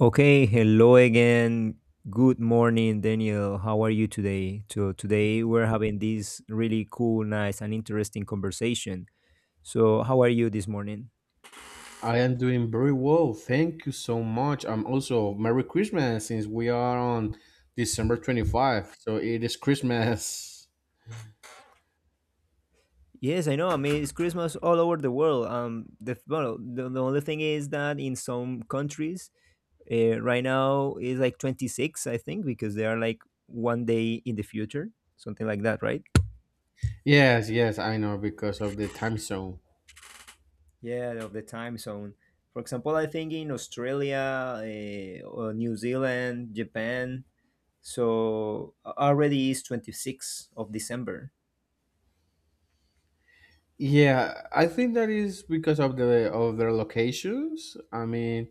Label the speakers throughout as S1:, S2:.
S1: Okay, hello again. Good morning, Daniel. How are you today? So today we're having this really cool, nice, and interesting conversation. So how are you this morning?
S2: I am doing very well. Thank you so much. I'm also Merry Christmas since we are on December 25. So it is Christmas.
S1: Yes, I know. I mean, it's Christmas all over the world. The only thing is that in some countries, right now is like 26, I think, because they are like one day in the future, something like that, right?
S2: Yes, I know because of the time zone.
S1: Yeah, of the time zone. For example, I think in Australia, or New Zealand, Japan. So already is 26th of December.
S2: Yeah, I think that is because of their locations. I mean,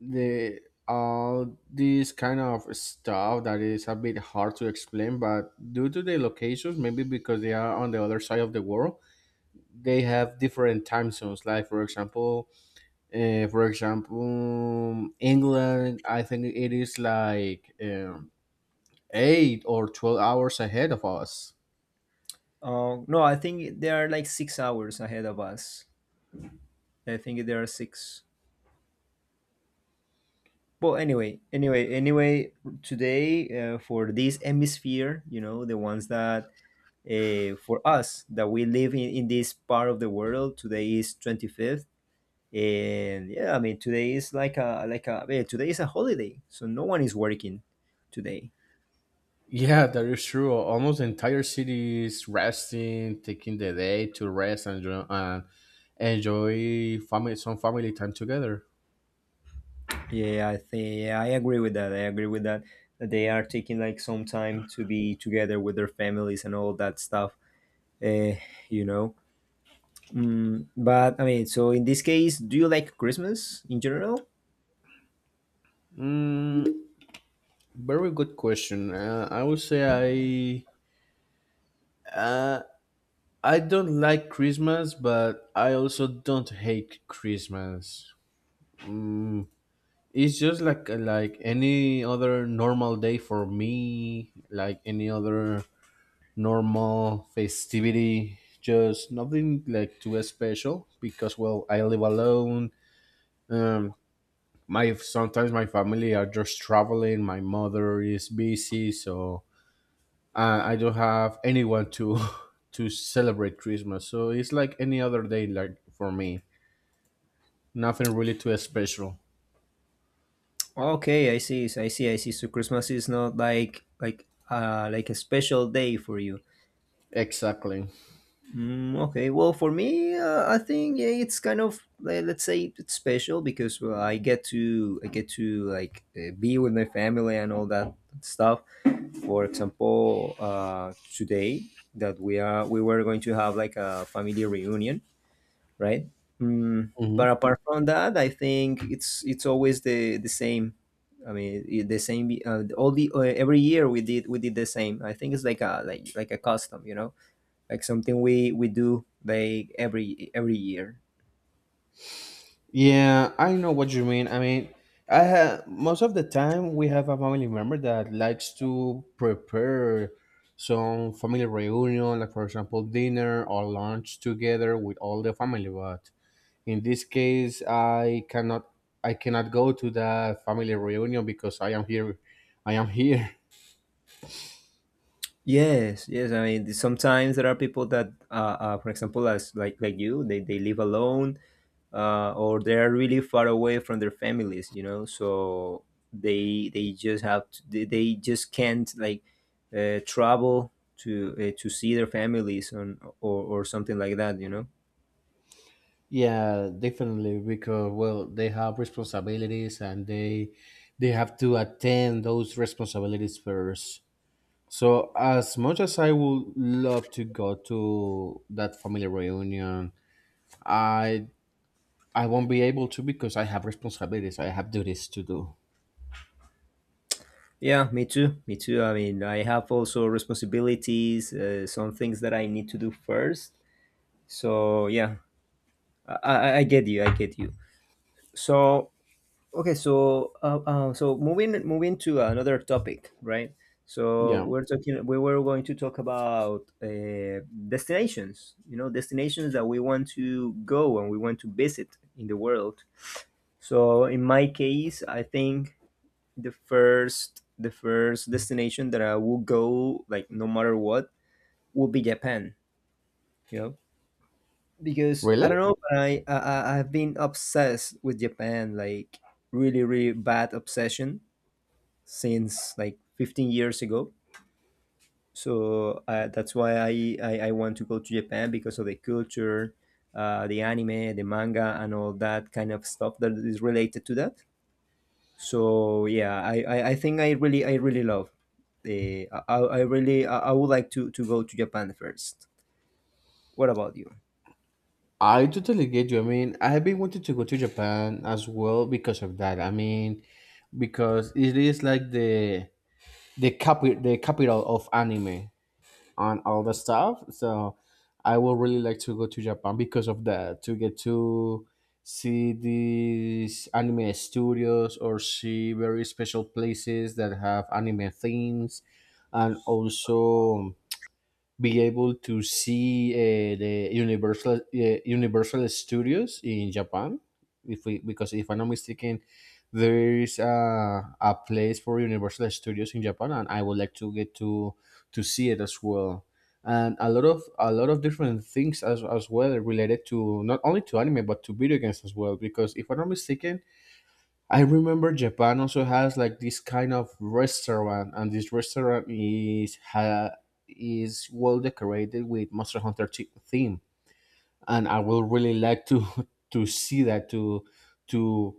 S2: the all this kind of stuff that is a bit hard to explain, but due to the locations, maybe because they are on the other side of the world, they have different time zones. Like for example, England, I think it is like eight or 12 hours ahead of us.
S1: No, I think they are like 6 hours ahead of us. I think there are six. Well, anyway, today for this hemisphere, you know, the ones that for us that we live in this part of the world, today is 25th. And today is today is a holiday, so no one is working today.
S2: Yeah, that is true. Almost the entire city is resting, taking the day to rest and enjoy family, some family time together.
S1: I agree with that that they are taking like some time to be together with their families and all that stuff. Uh, you know mm, but I mean So in this case, do you like Christmas in general?
S2: Mm, very good question. I would say I uh, I don't like Christmas, but I also don't hate Christmas. Mm, it's just like any other normal day for me, like any other normal festivity, just nothing like too special because well, I live alone. um my sometimes my family are just traveling, my mother is busy, so I don't have anyone to to celebrate Christmas. So it's like any other day, like for me, nothing really too special.
S1: Okay, I see, so Christmas is not like a special day for you.
S2: Exactly.
S1: Mm, okay, well, for me, I think yeah, it's kind of let's say it's special because, well, I get to like be with my family and all that stuff. For example, today that we were going to have like a family reunion, right? Mm,
S2: Mhm.
S1: but apart from that, I think it's always the same. I mean, the same. All the Every year we did the same. I think it's like a custom, you know, like something we do like every year.
S2: Yeah, I know what you mean. I mean, I have most of the time we have a family member that likes to prepare some family reunion, like for example dinner or lunch together with all the family. But in this case, I cannot go to that family reunion because I am here. I am here.
S1: Yes, yes, I mean, sometimes there are people that, for example, as like you, they live alone, or they're really far away from their families, you know, so they just can't like travel to see their families, on or something like that, you know.
S2: Yeah, definitely because well, they have responsibilities and they have to attend those responsibilities first. So, as much as I would love to go to that family reunion, I I won't be able to because I have responsibilities. I have duties to do.
S1: Yeah, me too. Me too. I mean, I have also responsibilities, some things that I need to do first. So yeah, I get you. I get you. So okay, so so moving to another topic, right? So
S2: Yeah.
S1: we're talking. We were going to talk about destinations. You know, destinations that we want to go and we want to visit in the world. So in my case, I think the first destination that I will go, like, no matter what, will be Japan. You know, because I
S2: Really?
S1: don't know, but, I've been obsessed with Japan, like really really bad obsession since like 15 years ago. So that's why, I want to go to Japan because of the culture, the anime, the manga, and all that kind of stuff that is related to that. So yeah, I really love. I would like to go to Japan first. What about you?
S2: I totally get you. I mean, I've been wanting to go to Japan as well because of that. I mean, because it is like the the capital of anime, on all the stuff. So I will really like to go to Japan because of that, to get to see these anime studios or see very special places that have anime themes, and also be able to see the Universal Universal Studios in Japan. If we because if I'm not mistaken, there is a place for Universal Studios in Japan, and I would like to get to see it as well. And a lot of different things as well related to not only to anime but to video games as well. Because if I'm not mistaken, I remember Japan also has like this kind of restaurant, and this restaurant is well decorated with Monster Hunter theme, and I will really like to to see that to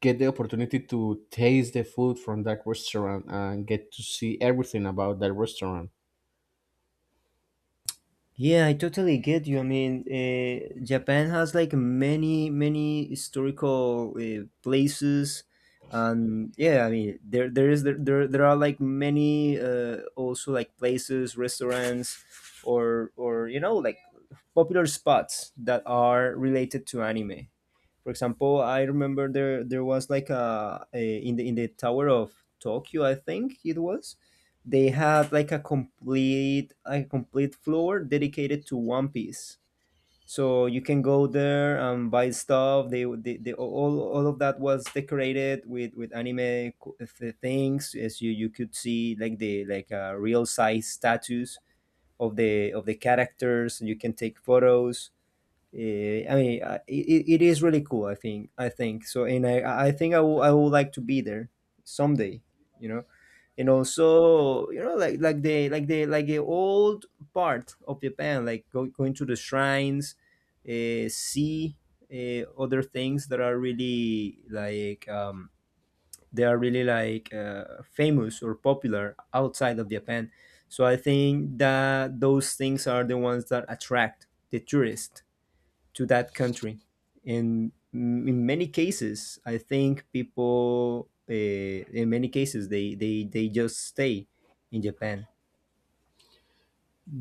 S2: get the opportunity to taste the food from that restaurant and get to see everything about that restaurant.
S1: Yeah, I totally get you. I mean, Japan has like many, many historical places, and yeah, I mean, there is, there are like many also like places, restaurants, or you know, like popular spots that are related to anime. For example, I remember there was like a in the Tower of Tokyo, I think it was. They had like a complete floor dedicated to One Piece. So you can go there and buy stuff. All of that was decorated with things. As you could see like the like real size statues of the characters. You can take photos. I mean, it is really cool. I think so, and I think I will I would like to be there someday. You know, and also, you know, like like the old part of Japan, like going to the shrines, see other things that are really like famous or popular outside of Japan. So I think that those things are the ones that attract the tourist to that country. And in many cases, I think people, in many cases, they just stay in Japan.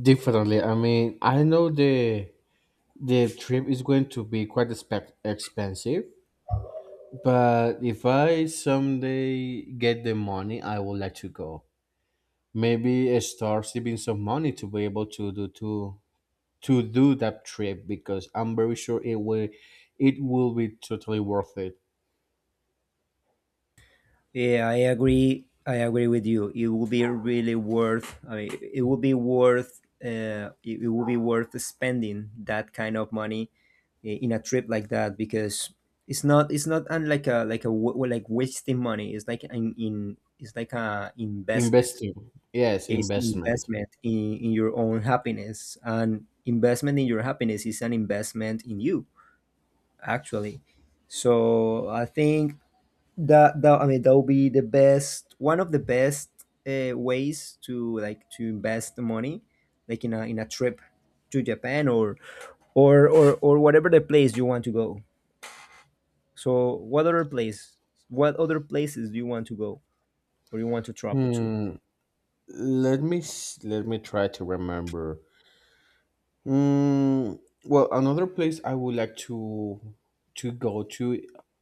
S2: Definitely, I mean, I know the trip is going to be quite expect expensive, but if I someday get the money, I will let you go. Maybe I start saving some money to be able to do that trip because I'm very sure it will be totally worth it.
S1: Yeah, I agree. I agree with you. It will be really worth. I mean, it will be worth. It will be worth spending that kind of money in a trip like that, because it's not. It's not, unlike a like wasting money. It's like an in. It's like a investment.
S2: Investing, yes,
S1: It's an
S2: investment.
S1: investment in your own happiness. And investment in your happiness is an investment in you, actually. So I think that, I mean, that would be the best, one of the best ways to, like, to invest the money, like in a trip to Japan or or whatever the place you want to go. So what other place? What other places do you want to go or you want to travel to?
S2: Hmm. Let me try to remember. Mm, well, another place I would like to go to.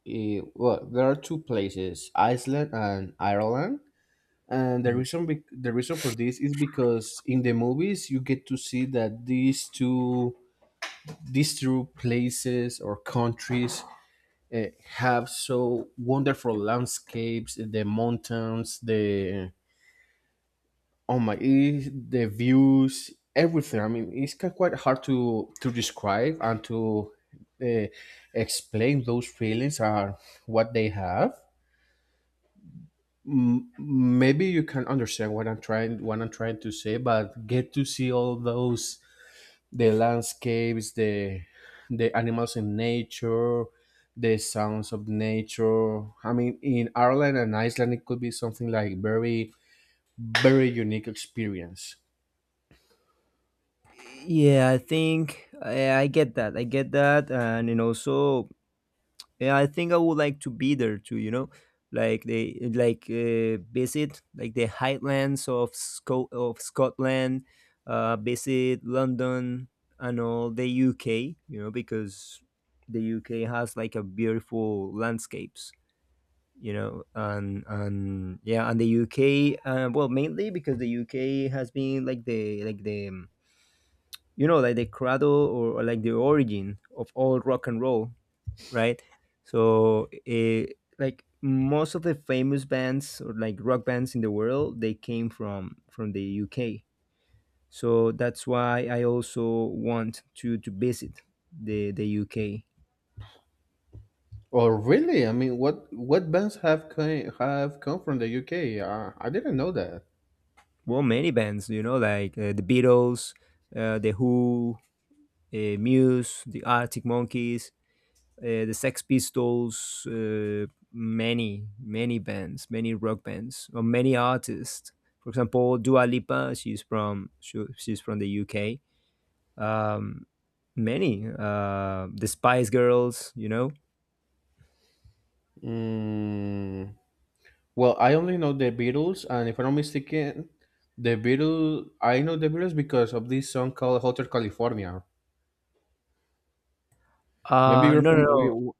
S2: Well, there are two places: Iceland and Ireland. And the reason for this is because in the movies you get to see that these two places or countries have so wonderful landscapes, the mountains, the the views, everything. I mean, it's quite hard to describe and to uh, explain. Those feelings are what they have. Maybe you can understand what I'm trying to say, but get to see all those, the landscapes, the animals in nature, the sounds of nature. I mean, in Ireland and Iceland, it could be something like very very unique experience.
S1: Yeah, I think I get that. I get that, and also, yeah, I think I would like to be there too. You know, like they like visit like the Highlands of of Scotland, visit London and all the UK. You know, because the UK has like a beautiful landscapes. You know, and yeah, and the UK. Well, mainly because the UK has been like the you know, like the cradle, or like the origin of all rock and roll, right? So like most of the famous bands or like rock bands in the world, they came from the UK. So that's why I also want to visit the UK.
S2: Or really, I mean, what bands have come from the UK? I didn't know that.
S1: Well, many bands, you know, like the Beatles, the Who, Muse, the Arctic Monkeys, the Sex Pistols, many, many bands, many rock bands, or many artists. For example, Dua Lipa, she's she's from the UK. Um, Many, the Spice Girls, you know.
S2: Mm. Well, I only know the Beatles, and if I'm not mistaken, the Beatles I know the Beatles because of this song called Hotel California. Maybe
S1: Uh,
S2: you're
S1: no,
S2: from.
S1: no, no,
S2: You-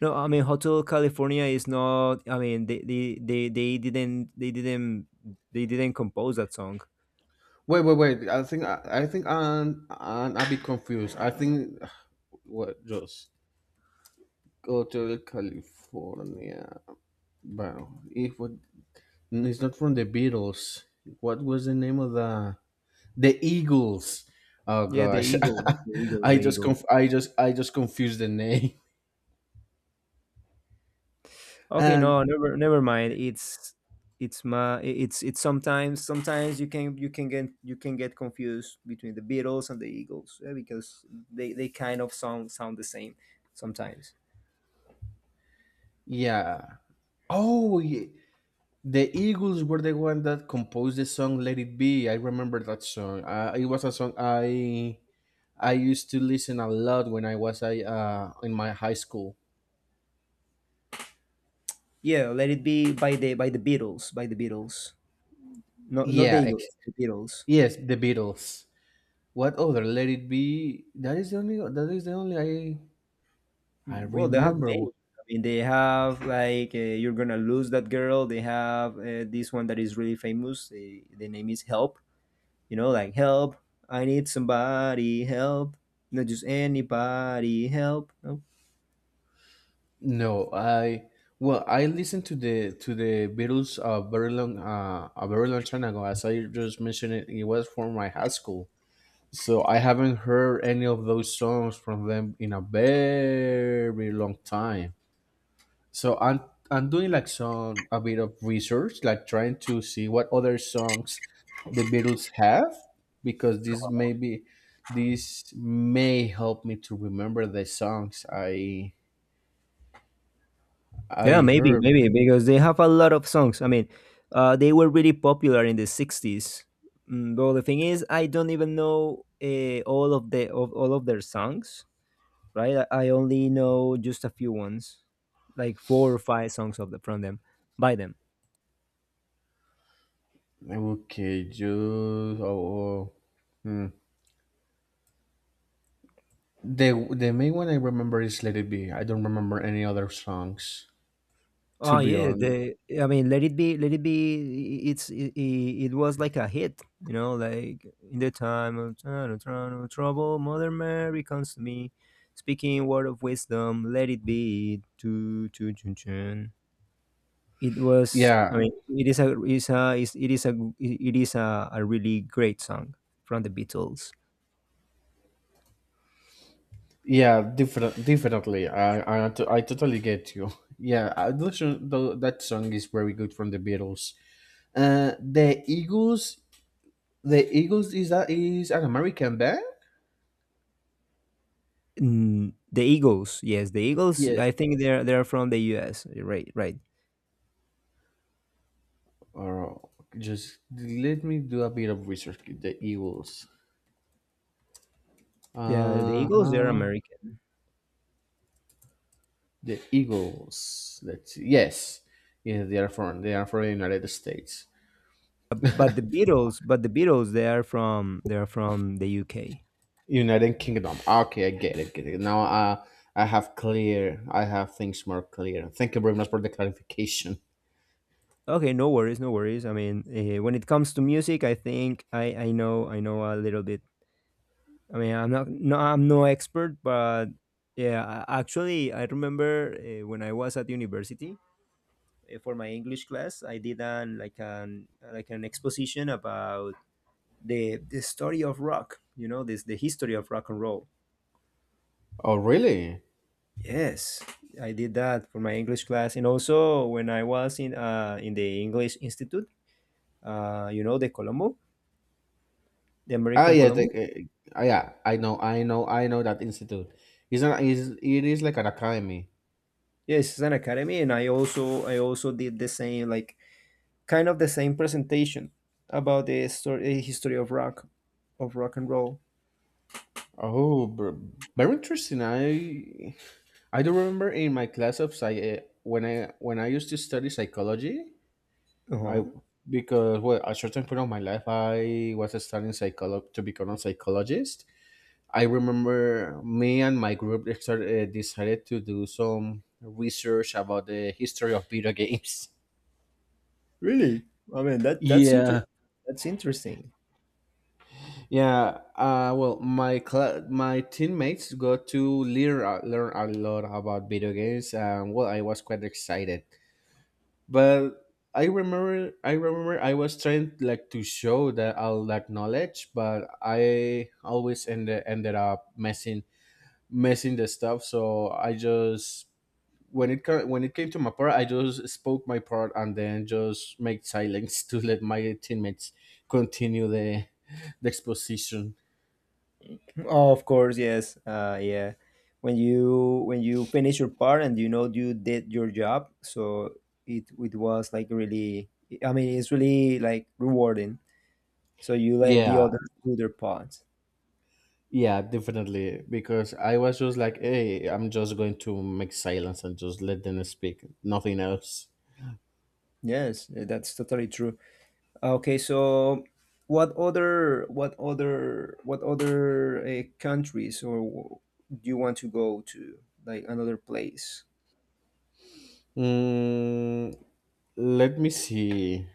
S1: no. I mean, Hotel California is not. I mean, they didn't compose that song.
S2: Wait, wait, wait. I think I think I'm a bit confused. I think what just Hotel California. Wow! If it- it's not from the Beatles, what was the name of the Eagles? Oh
S1: Yeah,
S2: gosh, I
S1: The
S2: just
S1: Eagles.
S2: confused the name.
S1: Okay, no,
S2: And
S1: never never mind. It's my it's Sometimes, sometimes you can, you can get confused between the Beatles and the Eagles, yeah, because they kind of sound the same sometimes.
S2: yeah. Oh, yeah. The Eagles were the one that composed the song "Let It Be." I remember that song. It was a song I used to listen a lot when I was I in my high school.
S1: Yeah, let it be by the Beatles, not the
S2: Yeah.
S1: Eagles, the Beatles.
S2: Yes, the Beatles. What other? Let It Be. That is the only. That is the only I
S1: Mm, well, they have many.
S2: remember.
S1: I mean, they have like "You're Gonna Lose That Girl." They have this one that is really famous. The name is "Help." You know, like help, I need somebody, help, not just anybody, help. No?
S2: No, I well, I listened to the Beatles a very long time ago. As I just mentioned, it was from my high school. So I haven't heard any of those songs from them in a very long time. So I'm doing like some a bit of research, like trying to see what other songs the Beatles have, because this maybe this may help me to remember the songs
S1: Yeah,
S2: I
S1: maybe,
S2: heard.
S1: maybe, because they have a lot of songs. I mean, they were really popular in the '60s. Mm, but the thing is, I don't even know all of their songs, right? I only know just a few ones, like four or five songs of the, from them by them.
S2: Okay, just oh, oh. Hmm. The main one I remember is Let It Be. I don't remember any other songs, to
S1: Oh
S2: be
S1: yeah,
S2: honest.
S1: let it be, let it be. It was like a hit, you know, like in the time of trouble, trouble, trouble, Mother Mary comes to me, speaking word of wisdom. Let it be, to chun. It was, I
S2: Yeah,
S1: mean, it is a is a is It is a, a really great song from the Beatles.
S2: yeah, different, definitely. I totally get you. Yeah, that song is very good from the Beatles. Uh, the Eagles, the Eagles is that is an American band?
S1: Mm, the Eagles, yes, the Eagles.
S2: Yes.
S1: I think they're from the U.S. Right, right.
S2: Or just let me do a bit of research. The Eagles.
S1: Yeah, the
S2: Uh
S1: Eagles. They're
S2: huh.
S1: American.
S2: The Eagles. Let's see. Yes. Yeah, they are from the United States.
S1: But but the Beatles, they are from, they are from the UK.
S2: United Kingdom. Ah, okay, I get it. Get it. Now I have clear. I have things more clear. Thank you very much for the clarification.
S1: Okay, no worries, no worries. I mean, when it comes to music, I think I know, I know a little bit. I mean, I'm no expert, but yeah, actually, I remember when I was at university, for my English class, I did an like an like an exposition about the story of rock. You know, this, the history of rock and roll.
S2: Oh, really?
S1: Yes, I did that for my English class, and also when I was in the English Institute, you know, the Colombo, the
S2: Ah,
S1: American
S2: yeah. The,
S1: Colombo.
S2: yeah. I know. I know. I know that institute. It's not. It's, it is like an academy.
S1: Yes, it's an academy, and I also did the same, like kind of the same presentation about the story, history of rock and roll.
S2: Oh, very interesting. I do remember in my class of psych when I used to study psychology.
S1: Uh-huh.
S2: I because well, at a certain point of my life, I was studying psychology to become a psychologist. I remember me and my group started, decided to do some research about the history of video games.
S1: Really? I mean that that's
S2: Yeah.
S1: interesting. That's interesting.
S2: Yeah, well, my cla my teammates got to learn a lot about video games, and well, I was quite excited. But I remember, I remember, I was trying like to show that all that knowledge, but I always ended ended up messing messing the stuff. So I just when it came to my part, I just spoke my part and then just made silence to let my teammates continue the exposition.
S1: Oh, of course, yes. Yeah. When you finish your part and you know you did your job, so it was like really. I mean, it's really like rewarding. So you let the
S2: Yeah,
S1: others do their parts.
S2: yeah, definitely. Because I was just like, hey, I'm just going to make silence and just let them speak, nothing else.
S1: Yes, that's totally true. Okay, so what other countries or do you want to go to like another place?
S2: Mm, let me see.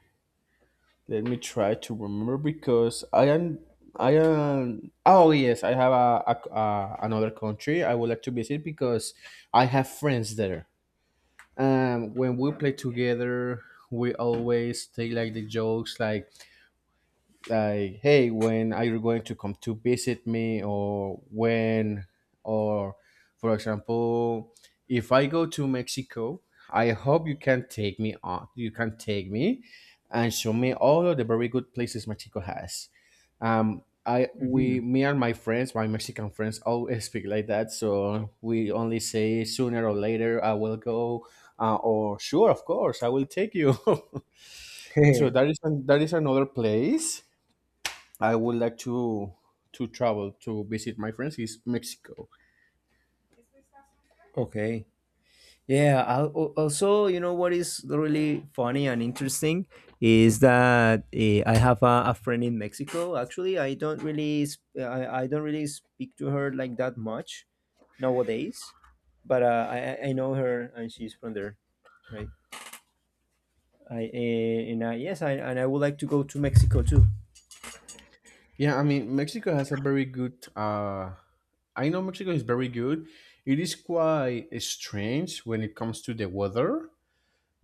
S2: Let me try to remember because I am. I am. Oh yes, I have a another country I would like to visit because I have friends there. When we play together, we always take like the jokes, like hey, when are you going to come to visit me, or when, or for example, if I go to Mexico, I hope you can take me on you can take me and show me all of the very good places Mexico has. I
S1: Hmm.
S2: we me and my friends, my Mexican friends, always speak like that. So we only say sooner or later I will go, or sure, of course I will take you. So that is that is another place I would like to travel to visit my friends, is Mexico.
S1: Okay. Yeah. Also, you know what is really funny and interesting is that I have a friend in Mexico. Actually, I don't really I don't really speak to her like that much nowadays, but I know her and she's from there, right? I and I yes, I and I would like to go to Mexico too.
S2: Yeah, I mean Mexico has a very good. I know Mexico is very good. It is quite strange when it comes to the weather,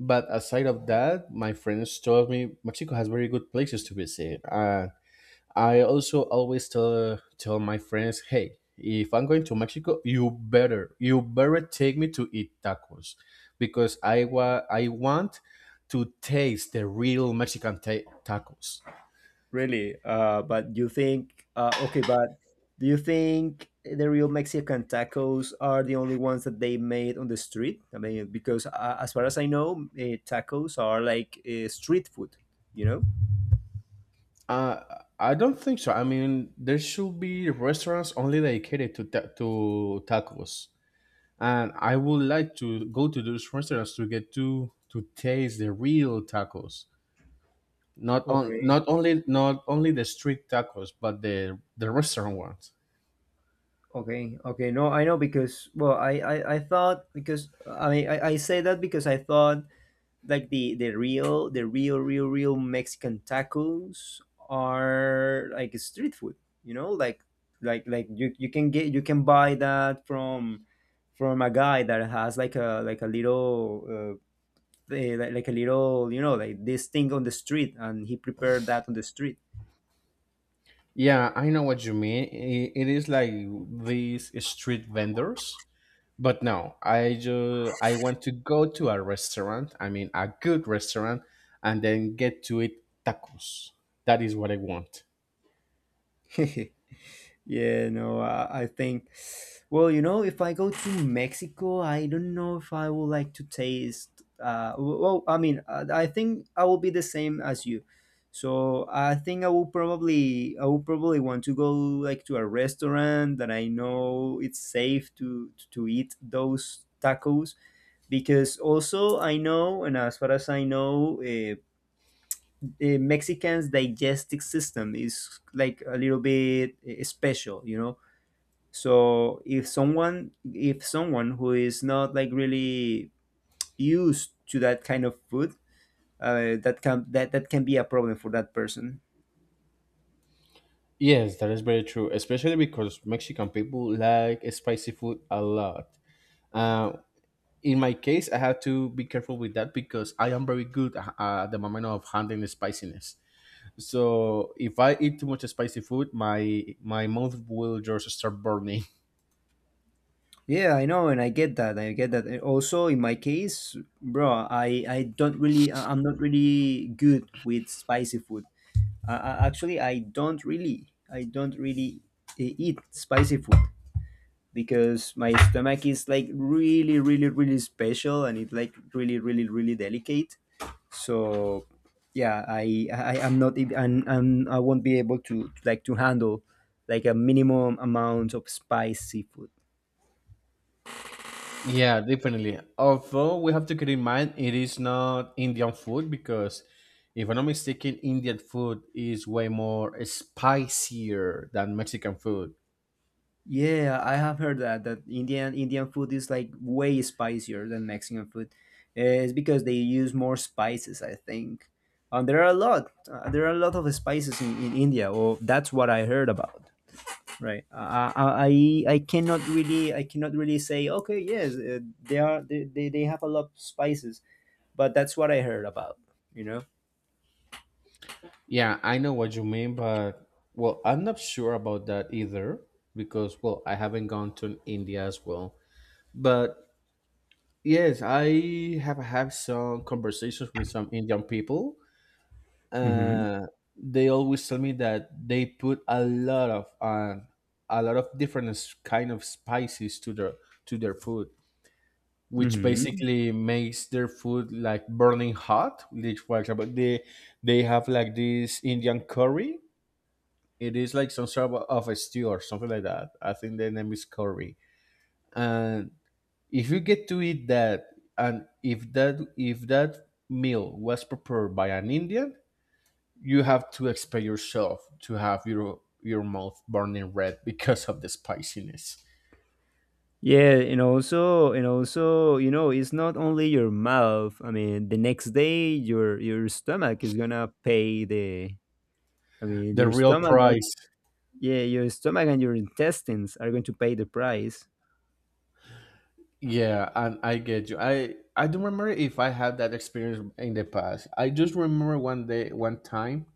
S2: but aside of that, my friends told me Mexico has very good places to visit. I also always tell my friends, hey, if I'm going to Mexico, you better take me to eat tacos, because I I want to taste the real Mexican tacos.
S1: Really? But you think, okay, but do you think the real Mexican tacos are the only ones that they made on the street? I mean, because as far as I know, tacos are like street food, you know?
S2: Uh, I don't think so. I mean, there should be restaurants only dedicated to to tacos, and I would like to go to those restaurants to get to taste the real tacos.
S1: Okay,
S2: Not only not only the street tacos, but the restaurant ones.
S1: okay, okay. No, I know because well, I thought because I say that because I thought like the real Mexican tacos are like street food. You know, like like you can get you can buy that from a guy that has like a little like a little you know like this thing on the street and he prepared that on the street.
S2: Yeah, I know what you mean. It is like these street vendors. But no, I want to go to a restaurant. I mean, a good restaurant, and then get to eat tacos. That is what I want.
S1: Yeah, no, I think, well, you know, if I go to Mexico, I don't know if I would like to taste. Well, I mean, I think I will be the same as you. So I will probably want to go like to a restaurant that I know it's safe to eat those tacos because also I know, and as far as I know, Mexicans' digestive system is like a little bit special, you know so if someone who is not like really used to that kind of food, that can that can be a problem for that person.
S2: Yes, that is very true, especially because Mexican people like spicy food a lot. Uh, in my case, I have to be careful with that because I am very good at the moment of handling the spiciness. So if I eat too much spicy food, my mouth will just start burning.
S1: Yeah, I know, and I get that. I get that. And also, in my case, bro, I don't really I'm not really good with spicy food. Actually, I don't really I don't really eat spicy food because my stomach is like really really really special and it's like really really really delicate so yeah I am not and I won't be able to like to handle like a minimum amount of spicy food.
S2: Yeah, definitely. Although we have to keep in mind it is not Indian food because if I'm not mistaken, Indian food is way more spicier than Mexican food.
S1: Yeah, I have heard that that Indian food is like way spicier than Mexican food. It's because they use more spices I think and there are a lot there are a lot of spices in India or that's what I heard about, right. I cannot really I cannot really say okay yes they have a lot of spices, but that's what I heard about, you know.
S2: Yeah, I know what you mean, but well, I'm not sure about that either because well, I haven't gone to India as well. But yes, I have had some conversations with some Indian people.
S1: Mm-hmm.
S2: Uh, they always tell me that they put a lot of different kind of spices to their food, which
S1: Mm-hmm.
S2: basically makes their food like burning hot. Like for example, they have like this Indian curry. It is like some sort of a stew or something like that. I think the name is curry, and if you get to eat that, and if that meal was prepared by an Indian, you have to expect yourself to have your mouth burning red because of the spiciness.
S1: Yeah, and also you know it's not only your mouth, I mean the next day your stomach is gonna pay the, I mean
S2: The
S1: your
S2: real
S1: stomach.
S2: price.
S1: Yeah, your stomach and your intestines are going to pay the price.
S2: Yeah, and I get you. I don't remember if I had that experience in the past. I just remember one day, one time,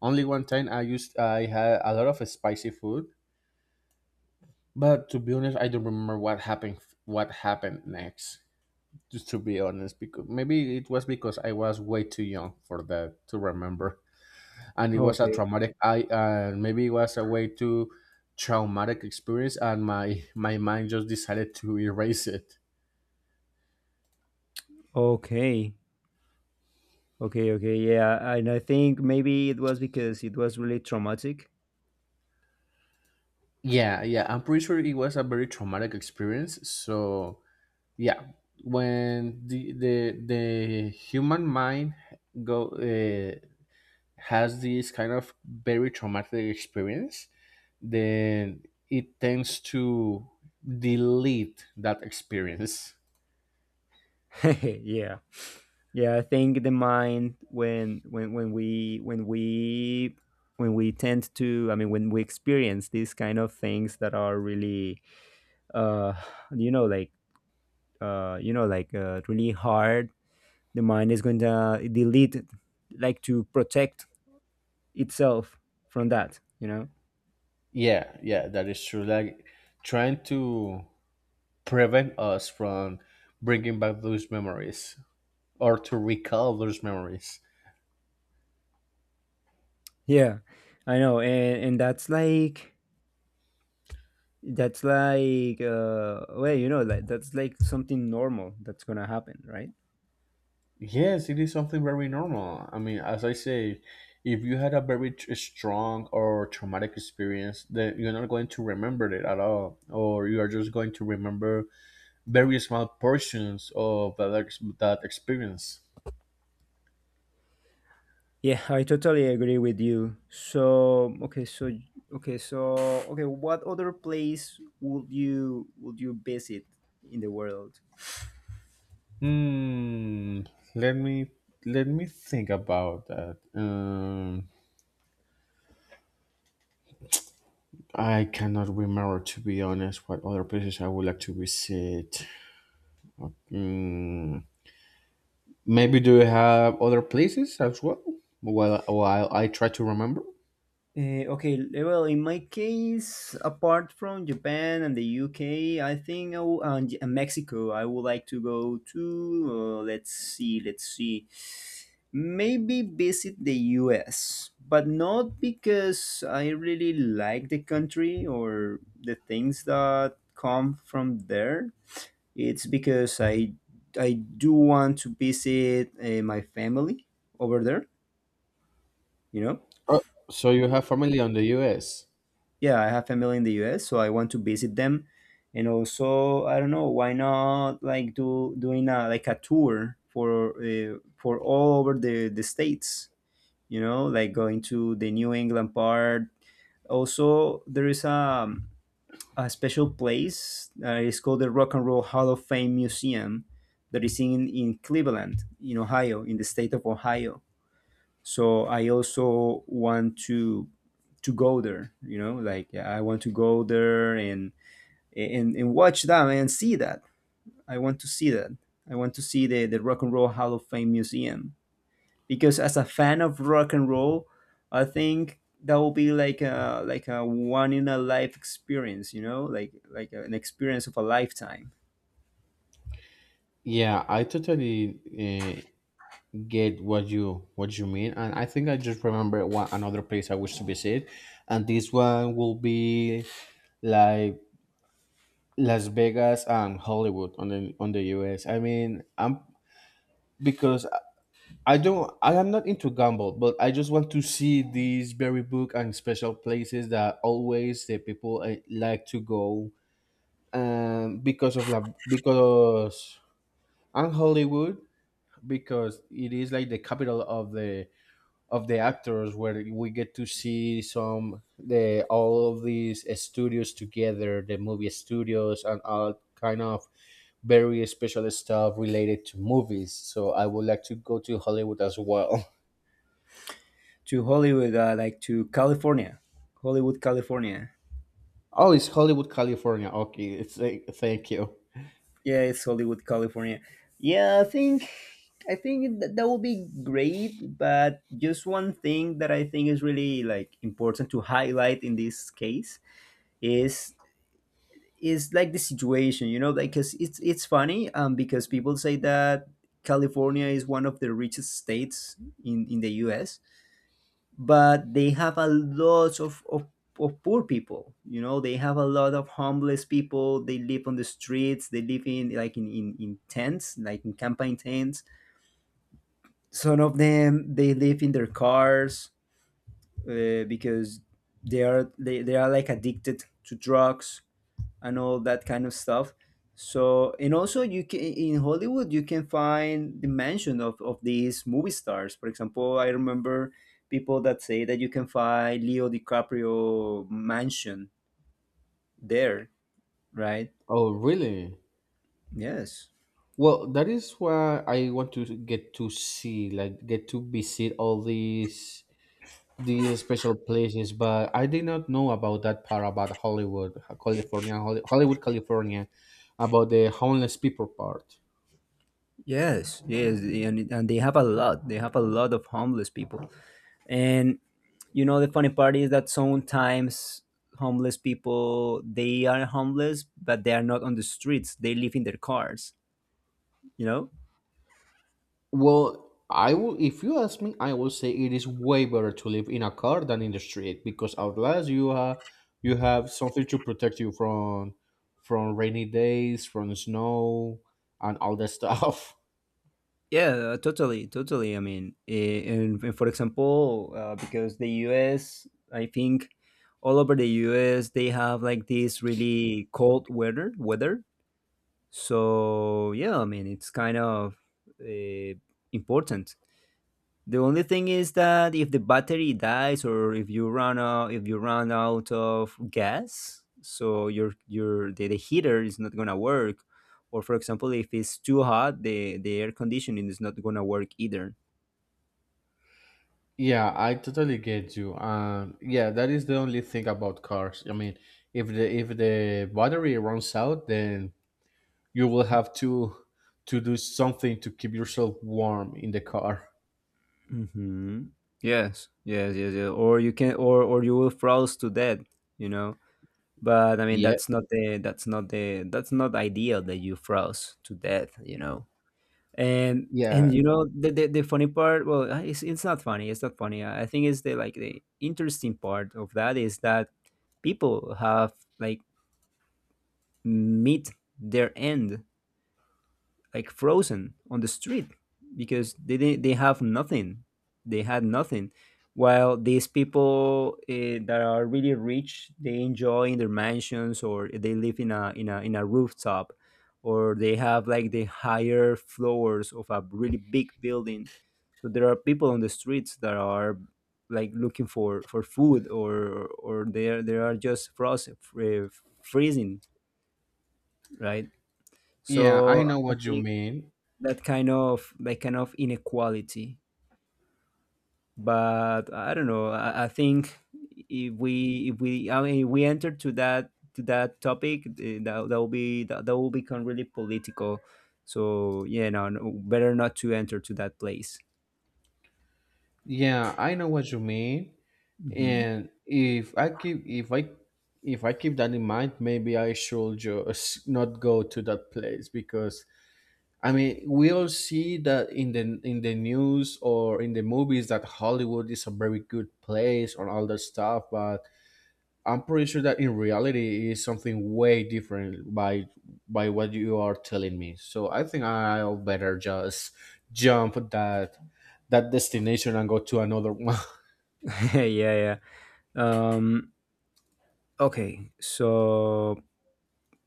S2: only one time I had a lot of spicy food, but to be honest, I don't remember what happened next. Just to be honest, because maybe it was because I was way too young for that to remember, and it was a
S1: Okay,
S2: traumatic. I, maybe it was a way too traumatic experience, and my mind just decided to erase it.
S1: okay. Okay, okay, yeah, and I think maybe it was because it was really traumatic.
S2: Yeah, yeah, I'm pretty sure it was a very traumatic experience, so yeah. When the human mind go has this kind of very traumatic experience, then it tends to delete that experience.
S1: Yeah, yeah, I think the mind when when we tend to, I mean, when we experience these kind of things that are really, uh, you know, like you know, like really hard, the mind is going to delete it, like to protect itself from that, you know.
S2: Yeah, yeah, that is true. Like trying to prevent us from bringing back those memories or to recall those memories.
S1: Yeah, I know, and that's like that's like, well, you know, like that's like something normal that's gonna happen, right?
S2: Yes, it is something very normal. I mean, as I say, if you had a very strong or traumatic experience, then you're not going to remember it at all, or you are just going to remember very small portions of that, that experience.
S1: Yeah, I totally agree with you. So, okay, so okay, so okay, what other place would you visit in the world?
S2: Hmm. Let me let me think about that. I cannot remember, to be honest, what other places I would like to visit. Hmm. Maybe do you have other places as well? While I try to remember.
S1: Okay, well, in my case, apart from Japan and the UK think I w- and, J- and Mexico, I would like to go to. Let's see, let's see. Maybe visit the US, but not because I really like the country or the things that come from there. It's because I do want to visit my family over there, you know.
S2: Oh, so you have family on the U.S.
S1: Yeah, I have family in the US, so I want to visit them. And also, I don't know, why not like do doing a like a tour for all over the states, you know, like going to the New England part. Also, there is a special place it's called the Rock and Roll Hall of Fame Museum that is in Cleveland, in Ohio, in the state of Ohio, so I also want to go there, you know, like yeah, I want to go there and watch that and see that. I want to see that. I want to see the Rock and Roll Hall of Fame Museum because as a fan of rock and roll I think that will be like a one in a life experience, you know, like an experience of a lifetime.
S2: Yeah, I totally get what you mean, and I think I just remember one another place I wish to visit, and this one will be like Las Vegas and Hollywood on the US. I mean, I'm, because I am not into gamble, but I just want to see these very book and special places that always the people like to go. Because of LA, because and Hollywood, because it is like the capital of the actors, where we get to see some the all of these studios together, the movie studios, and all kind of very special stuff related to movies. So I would like to go to Hollywood as well.
S1: To Hollywood, like to California. Hollywood California.
S2: Oh, it's Hollywood, California. Okay, it's like, thank you.
S1: Yeah, it's Hollywood, California. Yeah, I think that, that will be great, but just one thing that I think is really like important to highlight in this case is is like the situation, you know, like cuz it's funny because people say that California is one of the richest states in the US, but they have a lot of poor people, you know they have a lot of homeless people, they live on the streets, they live in like in tents like in campaign tents, some of them they live in their cars, because they are they are like addicted to drugs and all that kind of stuff. So and also you can in Hollywood you can find the mansion of these movie stars. For example, I remember people that say that you can find Leo DiCaprio mansion there, right?
S2: Oh, really?
S1: Yes.
S2: Well, that is why I want to get to see, like, get to visit all these special places, but I did not know about that part about Hollywood, California, Hollywood, California, about the homeless people part.
S1: Yes, yes, and they have a lot. They have a lot of homeless people. And you know the funny part is that sometimes homeless people they are homeless but they are not on the streets. They live in their cars, you know?
S2: Well, I will. If you ask me, I will say it is way better to live in a car than in the street because at least you have something to protect you from rainy days, from snow, and all that stuff.
S1: Yeah, totally, totally. I mean, and for example, because the U.S., I think all over the U.S. they have like this really cold weather. Weather, so yeah, I mean, it's kind of uh, important. The only thing is that if the battery dies or if you run out of gas, so the heater is not gonna work. Or for example, if it's too hot, the air conditioning is not gonna work either.
S2: Yeah, I totally get you. Yeah, that is the only thing about cars. I mean, if the battery runs out, then you will have to do something to keep yourself warm in the car.
S1: Mm-hmm. Yes, yes, yes, yes. Or you can, or you will froze to death. You know, but I mean
S2: Yeah,
S1: that's not the that's not the that's not ideal that you froze to death. You know. And
S2: yeah,
S1: you know the funny part well it's not funny, it's not funny, I think it's the like the interesting part of that is that people have like meet their end like frozen on the street because they have nothing, they had nothing, while these people that are really rich they enjoy in their mansions or they live in a in a rooftop or they have like the higher floors of a really big building, so there are people on the streets that are like looking for food or they are just frozen freezing, right,
S2: yeah, I
S1: so
S2: know
S1: I
S2: what you
S1: think
S2: mean.
S1: that kind of inequality. But I don't know. I think if we I mean if we enter to that topic, that that will be that will become really political. So yeah, no, no better not to enter to that place.
S2: Yeah, I know what you mean.
S1: Hmm.
S2: And if I keep that in mind, maybe I should just not go to that place because I mean, we all see that in the news or in the movies that Hollywood is a very good place and all that stuff, but I'm pretty sure that in reality it is something way different by what you are telling me. So I think I'll better just jump that destination and go to another one.
S1: Yeah, yeah. Um, okay. So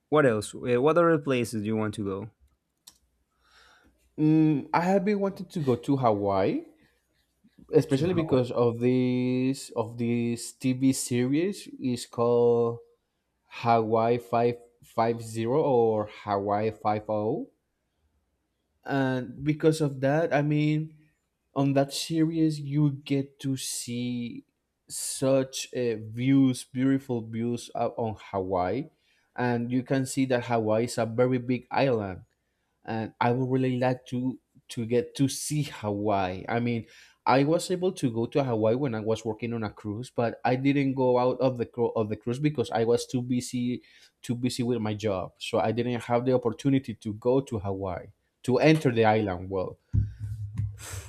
S1: what else? What other places do you want to go
S2: Mm, I have been wanting to go to Hawaii,
S1: to
S2: especially
S1: Hawaii?
S2: because of this TV series is called Hawaii 5-5-0 or Hawaii 5-0. And because of that, I mean, on that series you get to see such views, beautiful views out on Hawaii, and you can see that Hawaii is a very big island, and I would really like to get to see Hawaii. I mean, I was able to go to Hawaii when I was working on a cruise, but I didn't go out of the cruise because I was too busy with my job. So I didn't have the opportunity to go to Hawaii to enter the island. Well,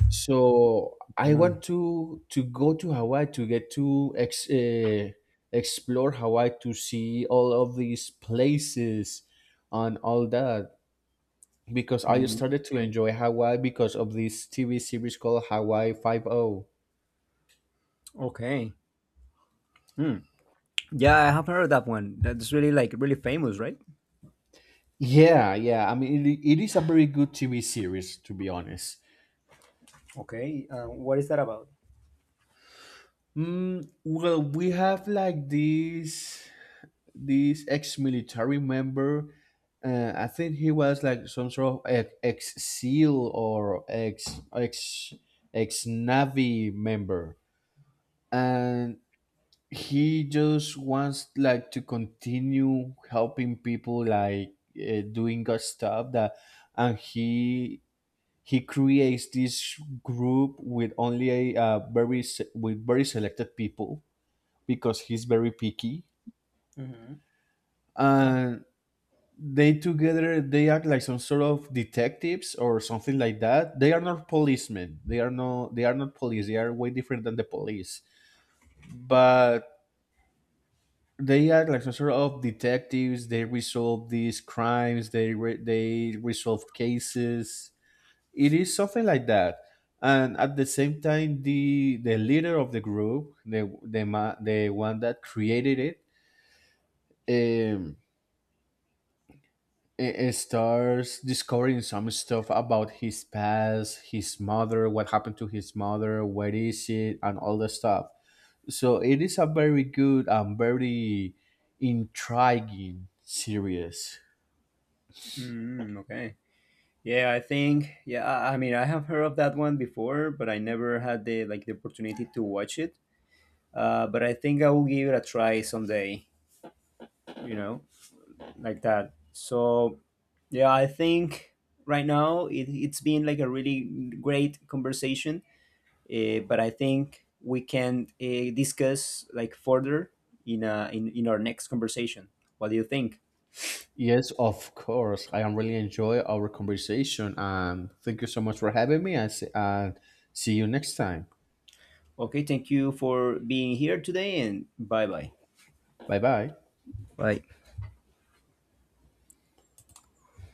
S2: so I
S1: Mm,
S2: want to go to Hawaii to get to explore Hawaii to see all of these places and all that because I
S1: mm,
S2: started to enjoy Hawaii because of this TV series called Hawaii Five O.
S1: okay. Hmm. Yeah, I have heard of that one. That's really like really famous, right?
S2: Yeah, yeah. I mean, it is a very good TV series, to be honest.
S1: Okay, what is that about?
S2: Mm, well, we have like this ex-military member. I think he was like some sort of ex seal or ex ex Navy member, and he just wants, like, to continue helping people, like, doing good stuff that, and he creates this group with only a very with very selected people because he's very picky.
S1: Hmm.
S2: And they together, they act like some sort of detectives or something like that. They are not policemen. They are no, they are not police. They are way different than the police. But they are like some sort of detectives. They resolve these crimes. They resolve cases. It is something like that. And at the same time, the leader of the group, the one that created it. It starts discovering some stuff about his past, his mother, what happened to his mother, where is it, and all the stuff. So it is a very good and very intriguing series.
S1: Mm, okay. Yeah, I think. Yeah, I mean, I have heard of that one before, but I never had the like the opportunity to watch it. But I think I will give it a try someday. You know, like that. So, yeah, I think right now it's been like a really great conversation. But I think we can discuss like further in in our next conversation. What do you think?
S2: Yes, of course. I am really enjoy our conversation and thank you so much for having me and and see you next time.
S1: Okay, thank you for being here today and bye bye.
S2: Bye bye.
S1: Bye.